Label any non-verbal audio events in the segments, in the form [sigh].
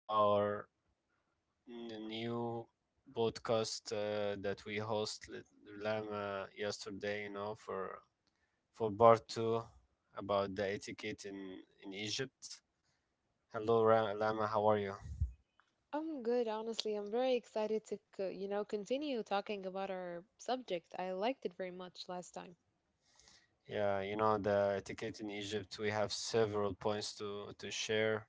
to our new podcast that we host with Lama yesterday. You know, for part two about the etiquette in Egypt. Hello, Lama. How are you? I'm good, honestly. I'm very excited to, continue talking about our subject. I liked it very much last time. Yeah, you know the etiquette in Egypt. We have several points to share,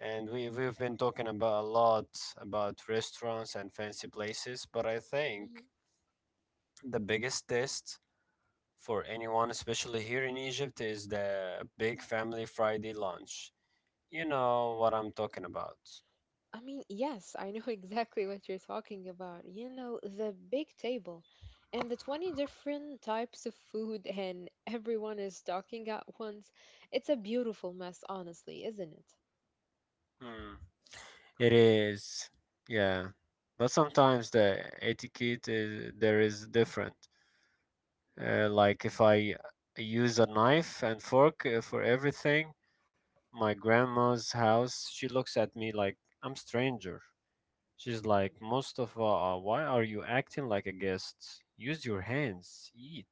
and we've been talking about a lot about restaurants and fancy places. But I think Hmm. the biggest test for anyone, especially here in Egypt, is the big family Friday lunch. You know what I'm talking about. I mean, yes, I know [laughs] exactly what you're talking about. You know, the big table and the 20 different types of food, [laughs] and everyone is talking at once. It's a beautiful mess, honestly, isn't it? Hmm. It is, yeah. But sometimes the etiquette is, there is different. Like if I use a knife and fork for everything, my grandma's house, she looks at me like I'm stranger. She's like, Mustafa, why are you acting like a guest? Use your hands, eat.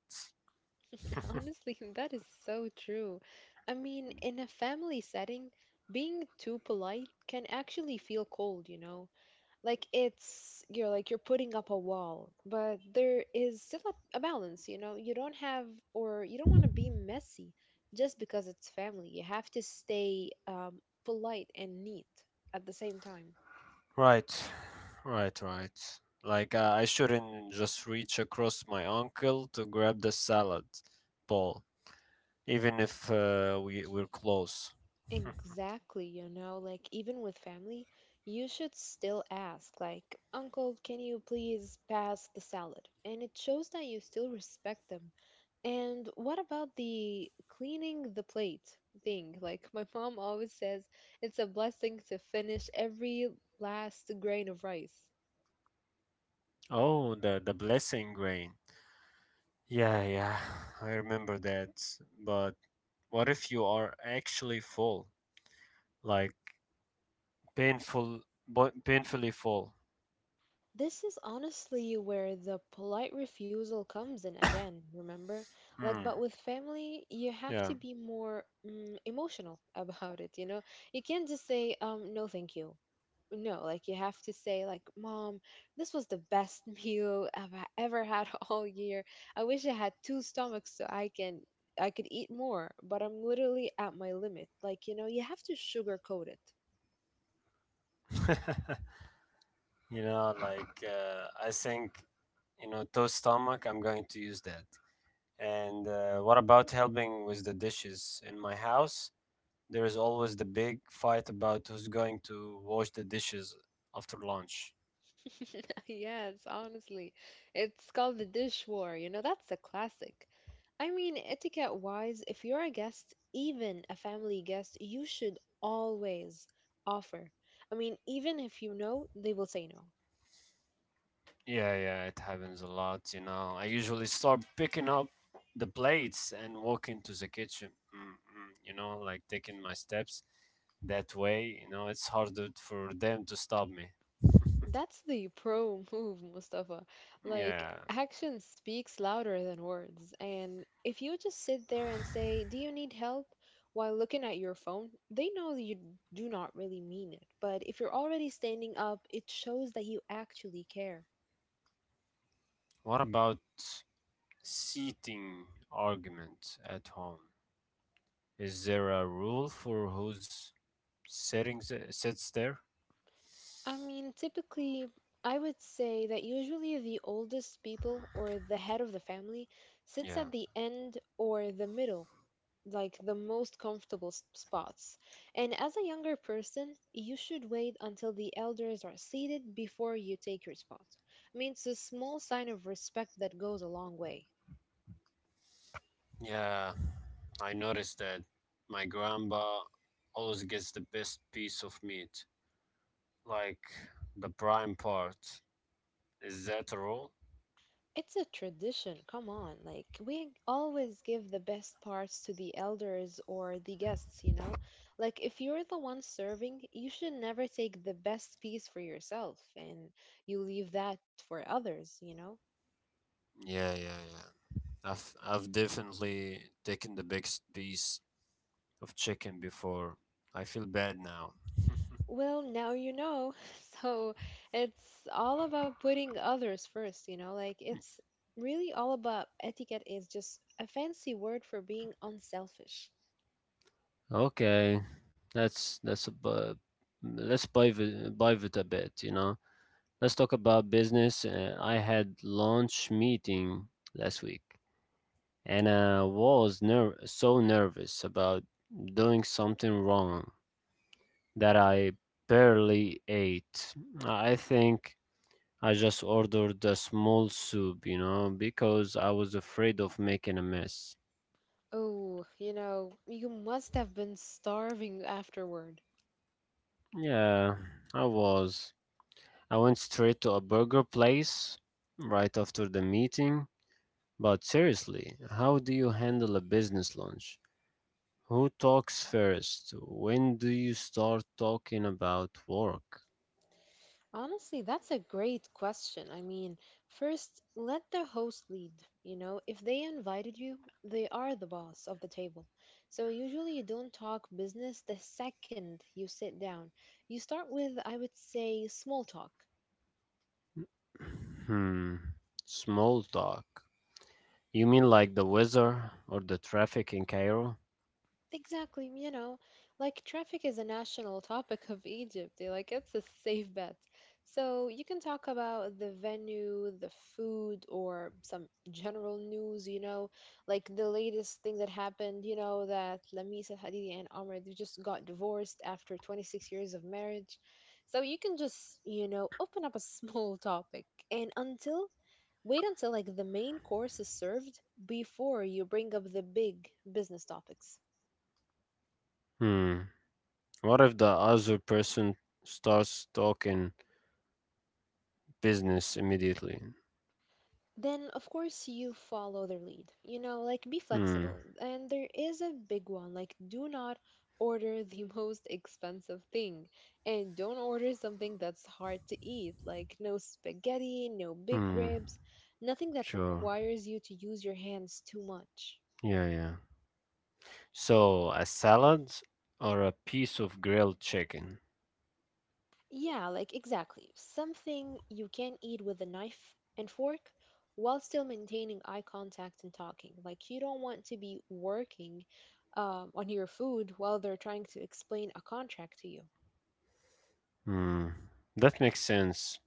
[laughs] Honestly, that is so true. I mean, in a family setting, being too polite can actually feel cold, you know? Like it's you're like you're putting up a wall, but there is still a balance. You know, you don't have, or you don't want to be messy just because it's family. You have to stay polite and neat at the same time. Right, right, right. Like, I shouldn't just reach across my uncle to grab the salad bowl, even if we're close. Exactly, you know, like even with family, you should still ask, like, uncle, can you please pass the salad? And it shows that you still respect them. And what about the cleaning the plate thing? Like, my mom always says, it's a blessing to finish every last grain of rice. Oh, the blessing grain. Yeah, yeah, I remember that. But what if you are actually full? Like, painful, but painfully full. This is honestly where the polite refusal comes in again, remember? Like, Hmm, but with family, you have yeah. to be more emotional [laughs] about it, you know? You can't just say, no, thank you, no. Like, you have to say, like, mom, this was the best [laughs] meal I've ever had [laughs] all year. I wish I had two stomachs so I could eat more, but I'm literally at my limit. Like, you know, you have to sugarcoat it. [laughs] You know, like, I think, you know, to stomach, I'm going to use that. And what about helping with the dishes? In my house, there is always the big fight about who's going to wash the dishes after lunch. [laughs] Yes, honestly, it's called the dish war, you know? That's a classic. I mean, etiquette wise if you're a guest, even a family guest, you should always offer. I mean, even if you know, they will say no. Yeah, yeah, it happens a lot, you know. I usually start picking up the plates and walk into the kitchen, you know, like taking my steps that way, you know, it's harder for them to stop me. That's the pro [laughs] move, Mustafa. Like, Yeah. action speaks louder than words. And if you just sit there and say, do you need help? While looking at your phone, they know that you do not really mean it. But if you're already standing up, it shows that you actually care. What about seating argument at home? Is there a rule for who's settings sits there. I mean, typically, I would say that usually the oldest people or the head of the family sits Yeah, at the end or the middle, like the most comfortable spots. And as a younger person, you should wait until the elders are seated before you take your spot. I mean, it's a small sign of respect that goes a long way. yeah. I noticed that my grandpa always gets the best piece of meat, like the prime part. Is that a rule? It's a tradition, come on. Like, we always give the best parts to the elders or the guests, you know? Like, if you're the one serving, you should never take the best piece for yourself, and you leave that for others, you know? Yeah, yeah, yeah. I've definitely taken the biggest piece of chicken before. I feel bad now. Well, now you know. [laughs] So it's all about putting others first, you know? Like, it's really all about etiquette is just a fancy word for being unselfish. Okay, that's that's a bu- let's buy it a bit, you know. Let's talk about business. I had launch meeting last week and I was so nervous about doing something wrong that I barely ate. I think I just ordered a small soup, you know, because I was afraid of making a mess. Oh, you know, you must have been starving afterward. Yeah, I was. I went straight to a burger place right after the meeting. But seriously, how do you handle a business lunch? Who talks first? When do you start talking about work? Honestly, that's a great question. I mean, first, let the host lead. You know, if they invited you, they are the boss of the table. So usually you don't talk business the second you sit down. You start with, I would say, small talk. Hmm. Small talk. You mean like the weather or the traffic in Cairo? Exactly, you know, like traffic is a national topic of Egypt. Like, it's a safe bet. So you can talk about the venue, the food, or some general news, you know, like the latest thing that happened, you know, that Lamisa Hadidi and Amr, they just got divorced after 26 years of marriage. So you can just, you know, open up a [laughs] small topic, and until wait until like the main course is served before you bring up the big business topics. Hmm. What if the other person starts talking business immediately? Then of course you follow their lead. You know, like be Hmm. flexible. And there is a big one, like, do not order the [laughs] most expensive thing, and don't order something that's hard to eat, like no spaghetti, no big Hmm. ribs, nothing that Sure. requires you to use your hands too much. Yeah, yeah. So, a salad or a piece of grilled chicken? Yeah, like, exactly. Something you can eat with a knife and fork while still maintaining eye contact and talking. Like, you don't want to be working on your food while they're trying to explain a contract to you. Hmm. That makes sense.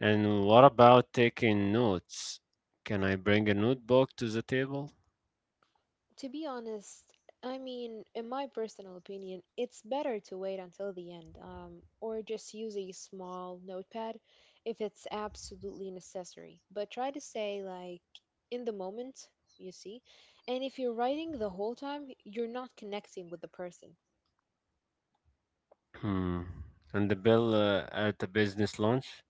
And what about taking notes? Can I bring a notebook to the table? To be honest, I mean, in my personal opinion, it's better to wait until the end, or just use a small notepad if it's absolutely necessary. But try to stay like in the moment, you see. And if you're writing the whole time, you're not connecting with the person. Hmm. And the bill at the business lunch?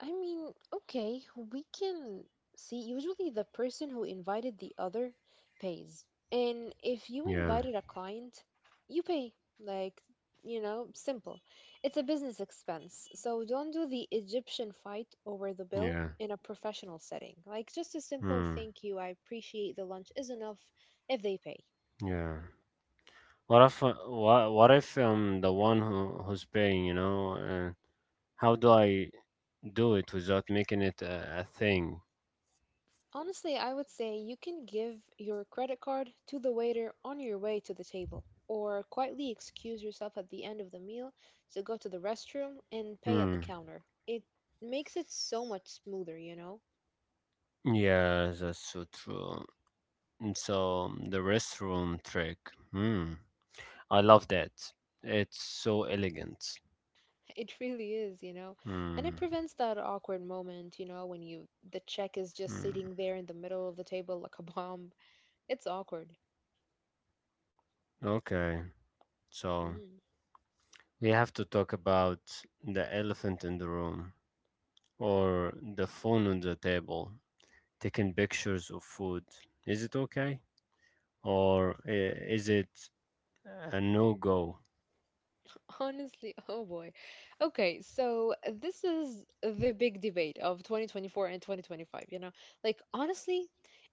I mean, okay, we can see, usually the person who invited the other pays. And if you Yeah, invited a client, you pay. Like, you know, simple. It's a business expense. So don't do the Egyptian fight over the bill yeah, in a professional setting. Like, just a simple hmm, thank you, I appreciate the lunch, is enough if they pay. yeah. What if what what if I'm the one who's paying? You know, how do I do it without making it a thing? Honestly, I would say you can give your credit card to the waiter on your way to the table, or quietly excuse yourself at the end of the meal to go to the restroom and pay at the Hmm. counter. It makes it so much smoother, you know? Yeah, that's so true. And so the restroom trick. Hmm. I love that. It's so elegant. [laughs] It really is, you know? And Hmm. it prevents that awkward moment, you know, when you the check is just Hmm. sitting there in the middle of the table like a bomb. It's awkward. Okay, so Mm-hmm. we have to talk about the elephant in the room or the phone on the table, taking pictures of food. Is it okay? Or is it a no go? [laughs] Honestly, oh boy. Okay, so this is the big debate of 2024 and 2025, you know? Like, honestly,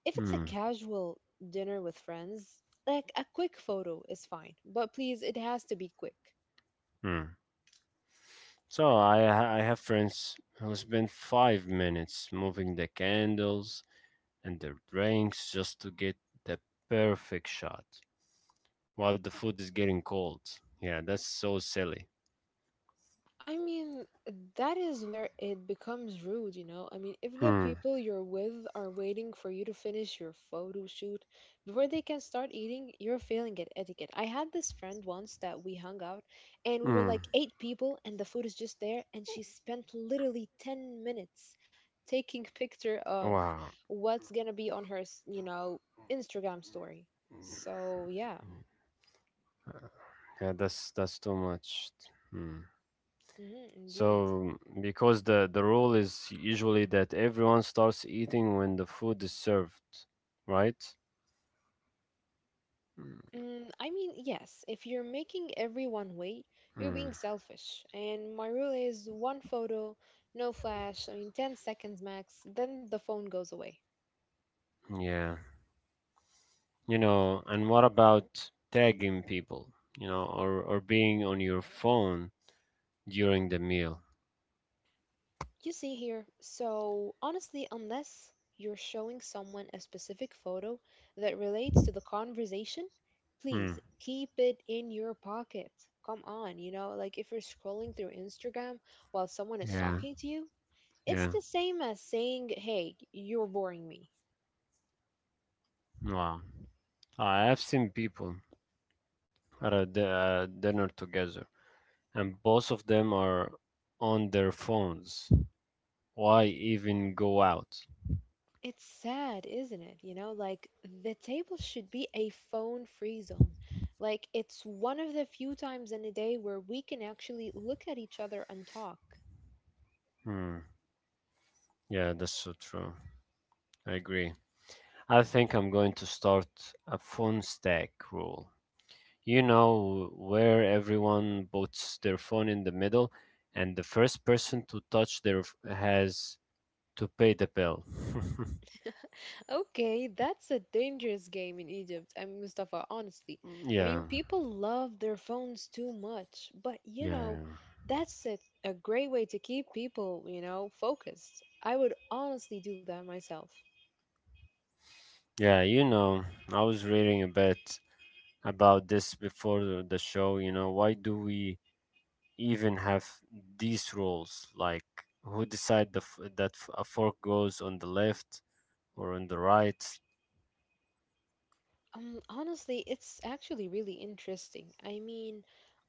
if it's a Hmm. casual dinner with friends, like a quick photo is fine, but please, it has to be quick. Hmm. So I have friends who spend 5 minutes moving the candles and their drinks just to get the perfect shot while the food is getting cold. Yeah, that's so silly. I mean, that is where it becomes rude, you know? I mean, if the Mm, people you're with are waiting for you to finish your photo shoot before they can start eating, you're failing at etiquette. I had this friend once that we hung out, and we were mm. like eight people, and the food is just there, and she spent literally 10 minutes taking picture of Wow. what's going to be on her, Instagram story. So, yeah. Yeah, that's too much. Hmm. Indeed. So because the rule is usually that everyone starts eating when the food is served, right? Mm, I mean, yes, if you're making everyone wait, you're mm, being selfish. And my rule is one photo, no flash, I mean, 10 seconds max, then the phone goes away. yeah. You know, and what about tagging people, you know, or being on your phone during the meal? You see here, so honestly, unless you're showing someone a specific photo that relates to the conversation, please Hmm. keep it in your pocket. Come on, you know, like if you're scrolling through Instagram while someone is Yeah. talking to you, it's Yeah. the same as saying, hey, you're boring me. Wow. I have seen people at a dinner together, and both of them are on their phones. Why even go out? It's sad, isn't it? You know, like the table should be a phone free zone. Like, it's one of the few times in a day where we can actually look at each other and talk. Hmm. Yeah, that's so true. I agree. I think I'm going to start a phone stack rule. You know, where everyone puts their phone in the middle, and the first person to touch their has to pay the bill. [laughs] Okay, that's a dangerous game in Egypt, and Mustafa, honestly. I Yeah, mean, people love their phones too much, but you yeah, know, yeah. that's a great way to keep people, you know, focused. I would honestly do that myself. Yeah, you know, I was reading a bit about this before the show. You know, why do we even have these rules like who decide the a fork goes on the left or on the right. Honestly, it's actually really interesting. I mean,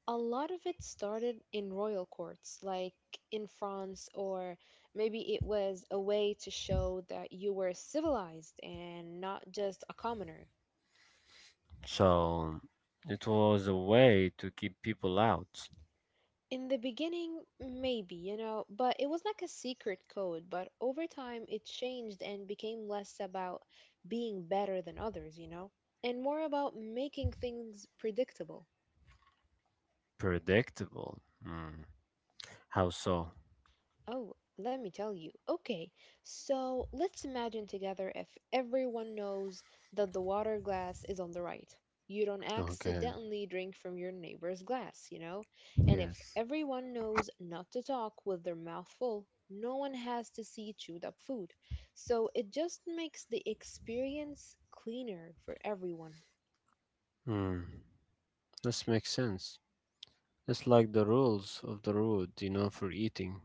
a lot of it started in royal courts, like in France, or maybe it was a way to show that you were civilized and not just a commoner. So it was a way to keep people out. In the beginning, maybe, you know, but it was like a secret code. But over time, it changed and became less about being better than others, you know, and more about making things predictable. Predictable, mm. How so? Oh, let me tell you. Okay, so let's imagine together, if everyone knows that the water glass is on the right. You don't Okay. accidentally drink from your neighbor's glass, you know? And if Yes. everyone knows not to talk with their mouth full, no one has to see chewed up food. So it just makes the experience cleaner for everyone. Mm. This makes sense. It's like the rules of the road, you know, for eating.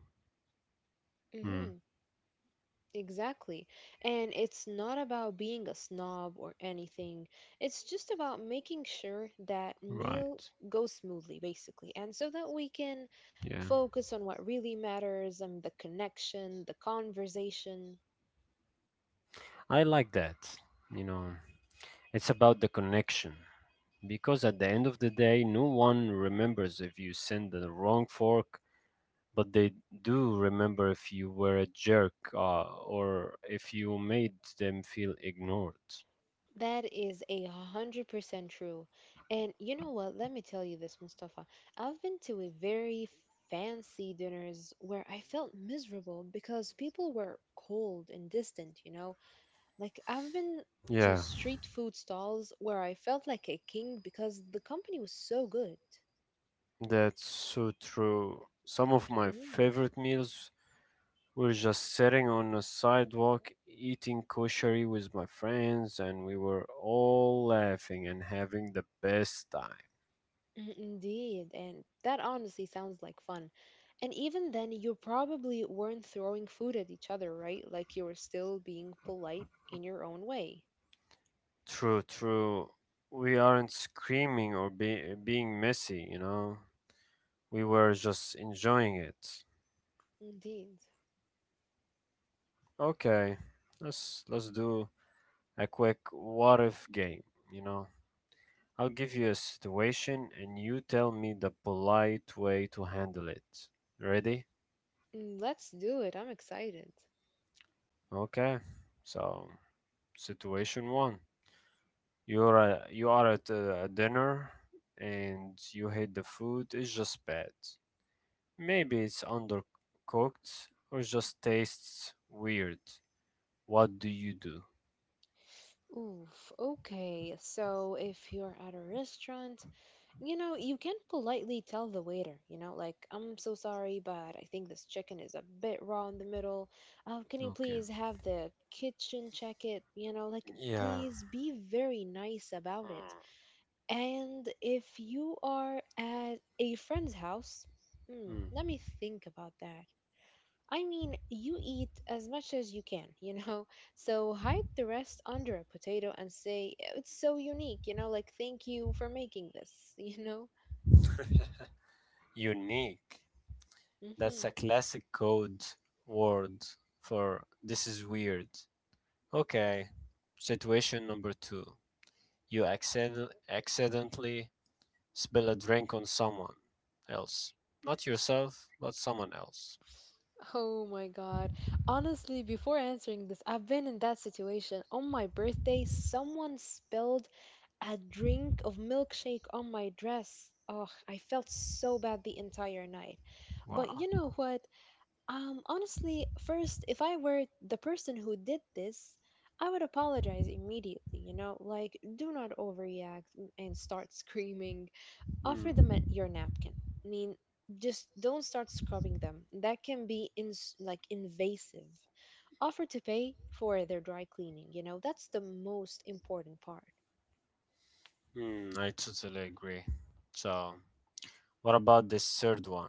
Mm. Mhm. Exactly. And it's not about being a snob or anything. It's just about making sure that meal Right. goes smoothly, basically. And so that we can Yeah. focus on what really matters, and the connection, the conversation. I like that. You know, it's about the connection. Because at the end of the day, no one remembers if you send the wrong fork, but they do remember if you were a jerk or if you made them feel ignored. That is 100% true. And you know what? Let me tell you this, Mustafa. I've been to a very fancy dinners where I felt miserable because people were cold and distant, you know? Like, I've been to Yeah, street food stalls where I felt like a king because the company was so good. that's so true. Some of my Hmm. favorite meals were just sitting on a sidewalk eating koshari with my friends, and we were all laughing and having the best time. Indeed, and that honestly sounds like fun. And even then, you probably weren't throwing food at each other, right? Like, you were still being polite in your own way. True, true. We aren't screaming or be being messy, you know. We were just enjoying it. Indeed. Okay, let's do a quick what if game, you know. I'll give you a situation and you tell me the polite way to handle it. Ready? Let's do it. I'm excited. Okay. So, situation 1. You are at a dinner and you hate the food. It's just bad. Maybe it's undercooked or just tastes weird. What do you do? Oof. Okay. So if you're at a restaurant, you know, you can politely tell the waiter, you know, like, I'm so sorry, but I think this chicken is a bit raw in the middle. Can you Okay. please have the kitchen check it? You know, like, Yeah. please be very nice about it. And if you are at a friend's house, Mm. Mm. let me think about that. I mean, you eat as much as you can, you know? [laughs] So hide the rest under a potato and say, it's so unique, you know, like, thank you for making this, [laughs] you know? Unique. That's a Mhm. classic code word for this is weird. Okay. Situation number two. You accidentally spill a drink on someone else. Not yourself, but someone else. Oh my God. Honestly, before answering this, I've been in that situation. On my birthday, someone spilled a drink of milkshake on my dress. Oh, I felt so bad the entire night. But Wow. you know what? Honestly, first, if I were the person who did this, I would apologize immediately, you know? Like, do not overreact and start [laughs] screaming. Offer them Mm. your napkin. I mean, just don't start scrubbing them. That can be in like invasive. Offer to pay for their dry cleaning, you know, that's the most important part. Mm, I totally agree. So. What about this third one?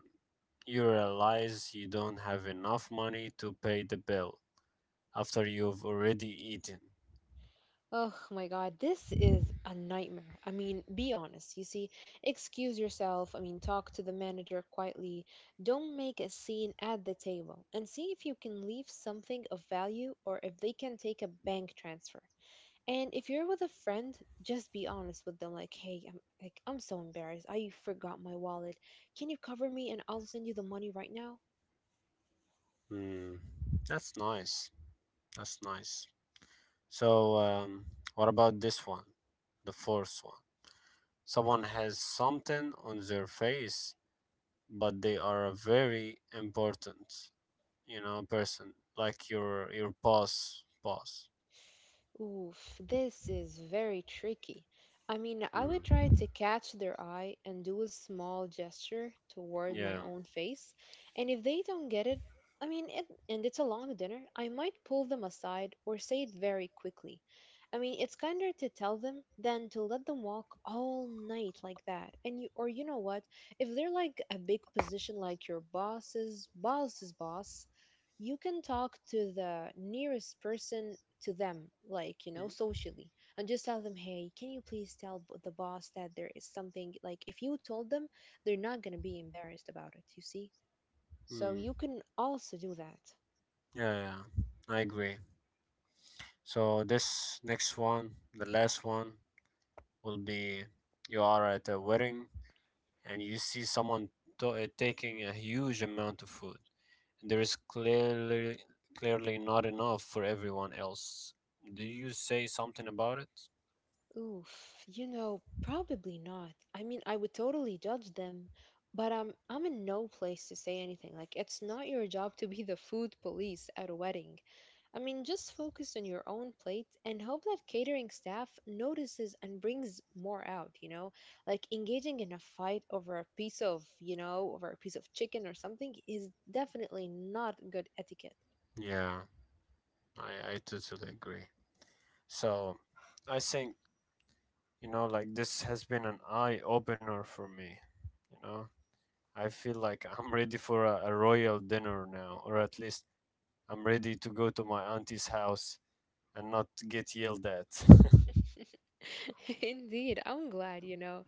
You realize you don't have enough money to pay the bill after you've already eaten. Oh my God, this is a nightmare. I mean, be honest. You see, excuse yourself. I mean, talk to the manager quietly. Don't make a scene at the table and see if you can leave something of value or if they can take a bank transfer. And if you're with a friend, just be honest with them. Like, hey, I'm so embarrassed. I forgot my wallet. Can you cover me and I'll send you the money right now? Hmm, that's nice. That's nice. So, what about this one? The fourth one. Someone has something on their face, but they are a very important, you know, person like your boss. Boss. Oof, this is very tricky. I mean, I would try Hmm. to catch their eye and do a small gesture toward Yeah. my own face. And if they don't get it, I mean, and it's a long dinner, I might pull them aside or say it very quickly. I mean, it's kinder to tell them than to let them walk all night like that. And you, or you know what? If they're like a big position like your boss's boss's boss, you can talk to the nearest person to them, like, you know, Hmm. socially, and just tell them, hey, can you please tell the boss that there is something, like, if you told them, they're not going to be embarrassed about it, you see? So Hmm. you can also do that. Yeah. Yeah. I agree. So this next one, the last one, will be you are at a wedding and you see someone taking a huge amount of food. There is clearly not enough for everyone else. Do you say something about it? Oof, you know, probably not. I mean, I would totally judge them, but I'm in no place to say anything. Like, it's not your job to be the food police at a wedding. I mean, just focus on your own plate and hope that catering staff notices and brings more out, you know? Like engaging in a fight over a piece of, you know, over a piece of chicken or something is definitely not good etiquette. Yeah, I totally agree. So I think, you know, like this has been an eye opener for me. You know, I feel like I'm ready for a royal dinner now, or at least I'm ready to go to my auntie's house and not get yelled at. [laughs] [laughs] Indeed, I'm glad, you know.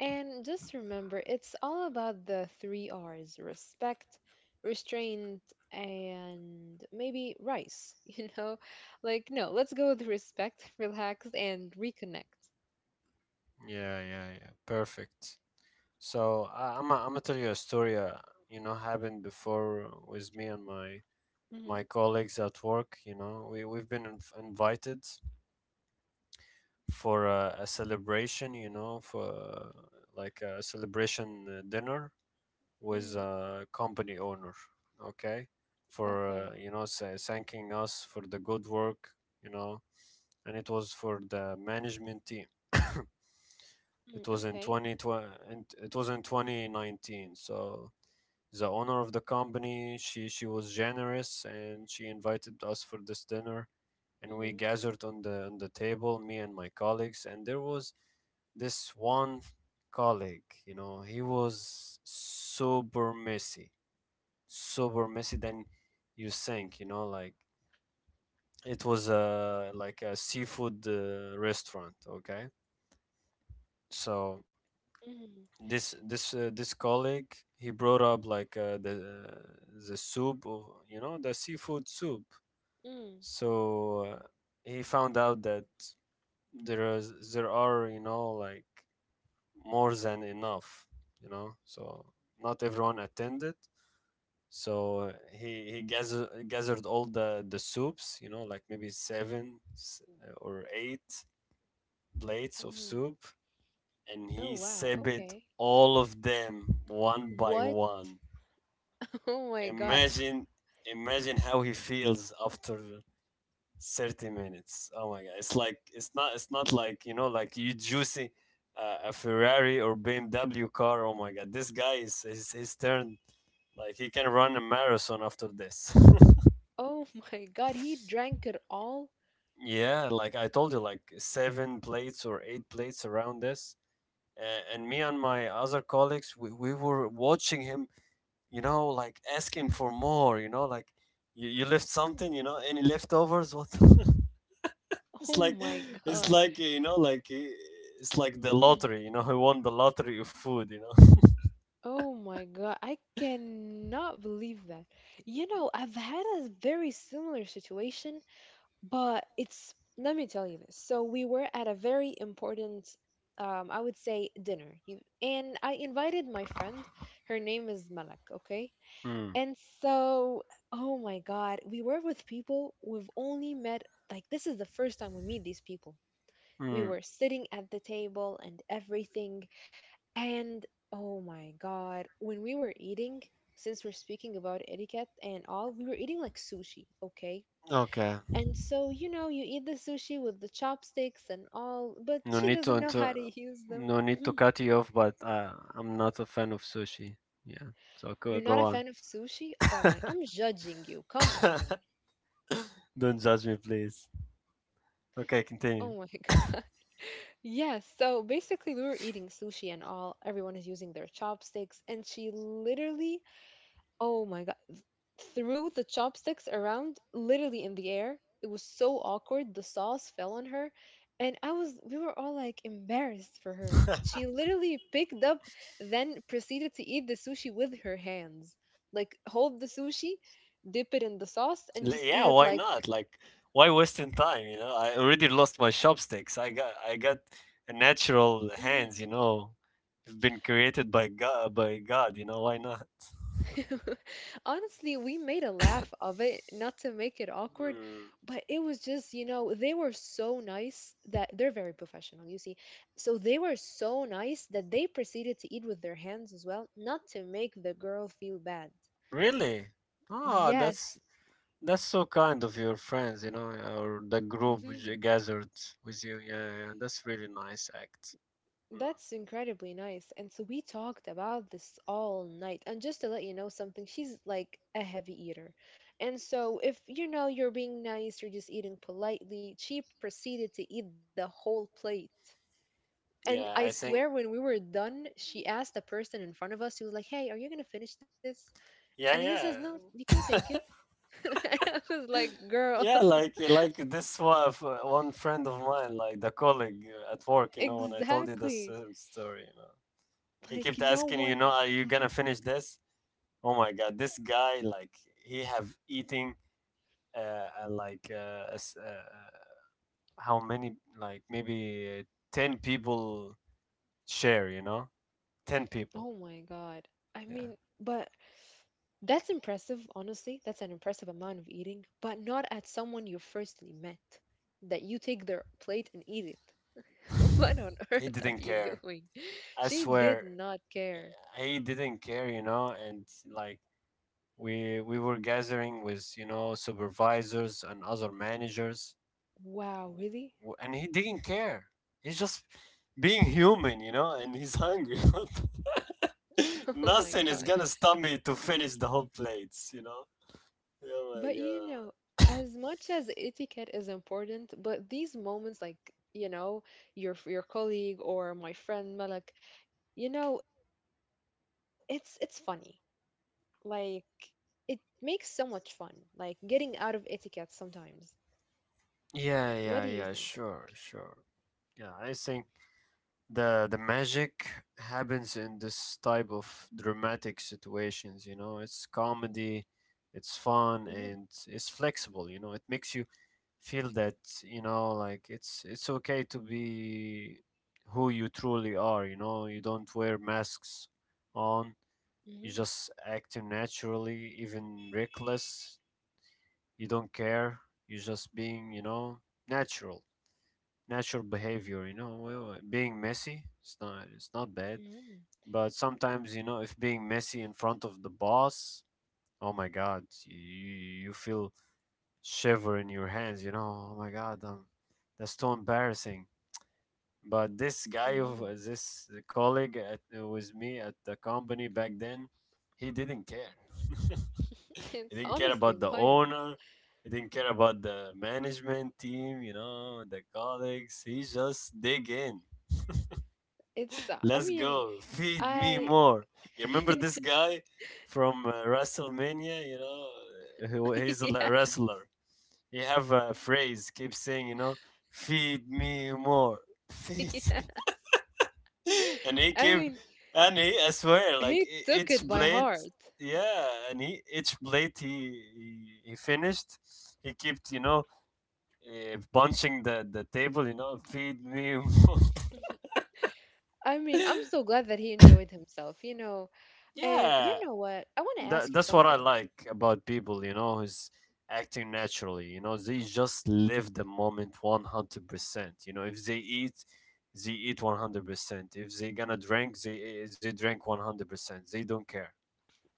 And just remember, it's all about the three R's: respect, restraint, and maybe rice, [laughs] you know? Like, no, let's go with respect, [laughs] relax, and reconnect. Yeah, yeah, yeah. Perfect. So I'm gonna tell you a story. You know, happened before with me and Mhm. my colleagues at work. You know, we've been invited for a celebration. You know, for like a celebration dinner Mhm. with a company owner, okay, for Okay. You know thanking us for the good work, you know, and it was for the management team. [coughs] Mm, It was okay. in 2020, it was in 2019. So the owner of the company, she was generous and she invited us for this dinner, and we Mhm. gathered on the table, me and my colleagues, and there was this one colleague, you know, he was super messy, super messy than you think, you know, like it was a like a seafood restaurant, okay. So Mhm. This colleague, he brought up like the soup of, you know, the seafood soup. Mm. So he found out that there are, you know, like more than enough, you know, so not everyone attended. So gathered all the soups, you know, like maybe or eight plates of Mhm. soup, and he Oh wow. sipped Okay. all of them one by What? one. [laughs] Oh my God. Imagine, imagine how he feels after 30 minutes. Oh my god, it's not like, you know, like you juicy a Ferrari or BMW car. Oh my god, this guy is he's turned like he can run a marathon after this. [laughs] Oh my God. He drank it all. Yeah, like I told you, like seven plates or eight plates around this. And me and my other colleagues, we were watching him, you know, like asking for more, you know, like you left something, you know, any leftovers? What? [laughs] It's Oh like, my it's God. like, you know, like it's like the Mhm. lottery, you know, he won the lottery of food, you know. Oh my God. I cannot believe that. You know, I've had a very similar situation. But it's, let me tell you this. So we were at a very important, I would say, dinner. You, and I invited my friend. Her name is Malak, okay? Hmm. And so, oh my God, we were with people we've only met, like, this is the first time we meet these people. We Mm, were sitting at the table and everything. And oh my God, when we were eating, since we're speaking about etiquette and all, we were eating like sushi, okay? okay. And so, you know, you eat the sushi with the chopsticks and all, but No she need to doesn't know how to inter- use them. no need to Hmm. cut you off, but I'm not a fan of sushi. Yeah. So go, You're go not a on. fan of sushi? Oh my, I'm judging you. Come on. [laughs] Don't judge me, please. Okay, continue. Oh my [laughs] God. Yes, so basically we were eating sushi and all, everyone is using their chopsticks, and she literally, oh my God. Threw the chopsticks around, literally in the air. It was so awkward. The sauce fell on her. And we were all like embarrassed for her. [laughs] L- She literally picked up, then proceeded to eat the sushi with her hands. Like, hold the sushi, dip it in the sauce, and just eat yeah, it. why Like, not? Like, why wasting time? You know, I already lost my chopsticks. I got a natural hands. You know, it's been created by God. By God, you know, why not? [laughs] honestly, we made a laugh of it, not to make it awkward, Hmm, but it was just, you know, they were so nice that they're very professional, you see. So they were so nice that they proceeded to eat with their hands as well, not to make the girl feel bad. really? Ah, Yes. That's so kind of your friends. You know, or the group which gathered with you. Yeah, yeah, that's really nice act. That's incredibly nice. And so we talked about this all night. And just to let you know something, she's like a heavy eater. And so if you know you're being nice, you're just eating politely, she proceeded to eat the whole plate. And I Yeah, I think. swear when we were done, she asked the person in front of us, she was like, hey, are you gonna finish this? And Yeah, he says, no, you yeah. can take it. [laughs] And I was like, girl, Yeah, like this one, one friend of mine, like the colleague at work, you [laughs] know, when I told you the exactly. same story, you know, he kept Like asking, no you know, are one. you gonna finish this? Oh my God, this guy, like, he have eating, uh, uh, like, uh, a s- uh, how many, like, maybe 10 people share, you know, 10 people. Oh my God. I Yeah, mean, but that's impressive, honestly. That's an impressive amount of eating, but not at someone you firstly met. That you take their plate and eat it. [laughs] What on [laughs] he earth are didn't you care. doing? [laughs] I She did swear, not care. he didn't care, you know, and like we were gathering with, you know, supervisors and other managers, Wow, really? And he didn't care. He's just being human, you know, and he's hungry. [laughs] [laughs] Oh my Nothing is God. gonna stop me to finish the whole plates, you know. Oh my But you God. know, as much as etiquette is important, but these moments like, you know, your colleague or my friend Malak, you know, it's funny. Like, it makes so much fun, like getting out of etiquette sometimes. What do you Yeah, think? yeah, yeah. Sure, sure. Yeah, I think the magic happens in this type of dramatic situations, you know. It's comedy, Mm-hmm. it's fun, and it's flexible. You know, it makes you feel that, you know, like it's okay to be who you truly are. You know, you don't wear masks on. Mm-hmm. You just acting naturally, even reckless. You don't care, you're just being, you know, natural. Natural behavior, you know. Well, being messy, it's not bad, Mm-hmm. but sometimes, you know, if being messy in front of the boss, oh my God, you feel shiver in your hands, you know. Oh my God, that's too embarrassing. But this guy, Mm-hmm. this colleague at, with me at the company back then, he didn't care. [laughs] [laughs] He It's didn't care honestly about the wild. owner. He didn't care about the management team, you know, the colleagues. He just dig in. It's, I Let's mean, go. Feed me I, more. You remember this [laughs] guy from WrestleMania? You know, who he's a yes, wrestler. He have a phrase. Keep saying, you know, feed me more. [laughs] Feed. [laughs] yes. [laughs] And he I came mean, and he, I swear, like he took each it by blade. heart. Yeah. And he each blade he he finished. He kept, you know, punching the table, you know, feed me more. [laughs] I mean, I'm [laughs] so glad that he enjoyed himself, you know. And you Yeah, know what? I want to that, ask you that's what I something. like about people, you know, who's acting naturally. You know, they just live the moment 100%. You know, if they eat, they eat 100%. If they gonna drink, they they drink 100%. They don't care.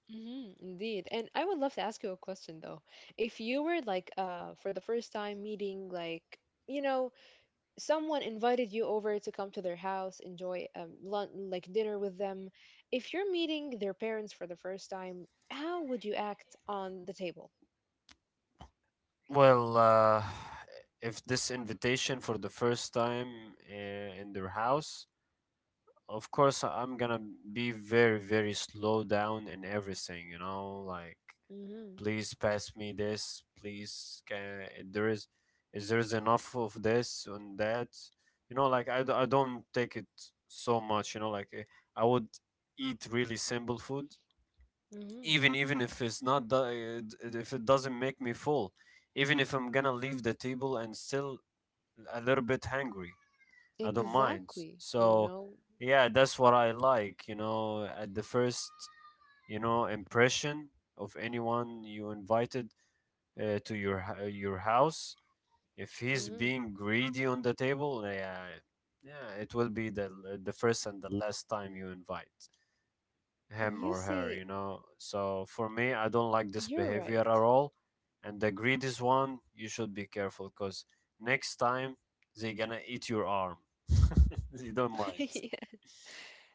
Hmm, indeed. And I would love to ask you a question though. If you were like for the first time meeting like, you know, someone invited you over to come to their house, enjoy lunch like dinner with them. If you're meeting their parents for the first time, how would you act on the table? Well, if this invitation for the first time in their house, of course I'm gonna be very, very slow down in everything, you know, like Hmm. please pass me this, please, can, if there is there is enough of this and that, you know, like I don't take it so much, you know, like I would eat really simple food, Hmm. even even if it's not do- if it doesn't make me full, even if I'm gonna leave the table and still a little bit hungry, I don't mind. Exactly, you So know. yeah, that's what I like, you know, at the first, you know, impression of anyone you invited to your your house. If Hmm. he's being greedy on the table, yeah, yeah, it will be the first and the last time you invite You him or see, her, you know. So for me, I don't like you're this right. behavior at all. And the greed one you should be careful, because next time they're gonna eat your arm. [laughs] You don't mind. [laughs] Yes.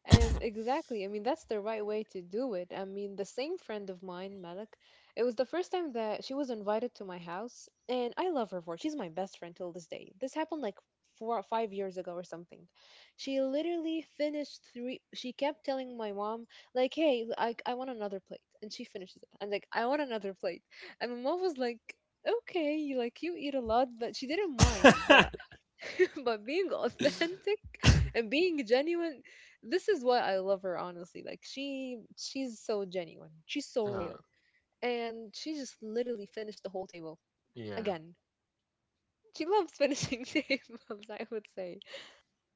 And exactly, [coughs] I mean, that's the right way to do it. I mean, the same friend of mine, Malik, it was the first time that she was invited to my house, and I love her for it. She's my best friend till this day. This happened like 4 or 5 years ago or something. She literally finished three, she kept telling my mom, like, hey, I want another plate. And she finishes it. And like, I want another plate. And my mom was like, okay, you eat a lot, but she didn't mind. But [laughs] but being authentic and being genuine, this is why I love her, honestly. Like, she's so genuine, she's so Uh, real. And she just literally finished the whole table. yeah, Again, she loves finishing [laughs] tables, I would say.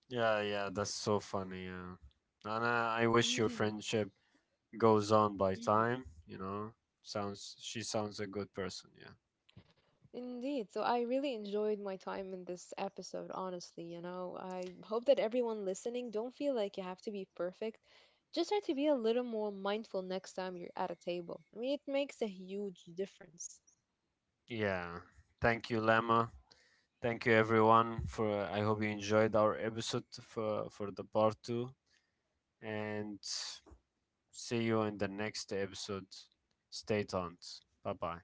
yeah, yeah. That's so funny. Yeah, and I wish your Hmm. friendship goes on by Hmm. time. You know, sounds she sounds a good person. Yeah. Indeed. So I really enjoyed my time in this episode, honestly. You know, I hope that everyone listening don't feel like you have to be perfect. Just try to be a little more mindful next time you're at a table. I mean, it makes a huge difference. Yeah. Thank you, Lemma. Thank you everyone for I hope you enjoyed our episode for the part 2, and see you in the next episode. Stay tuned. Bye-bye.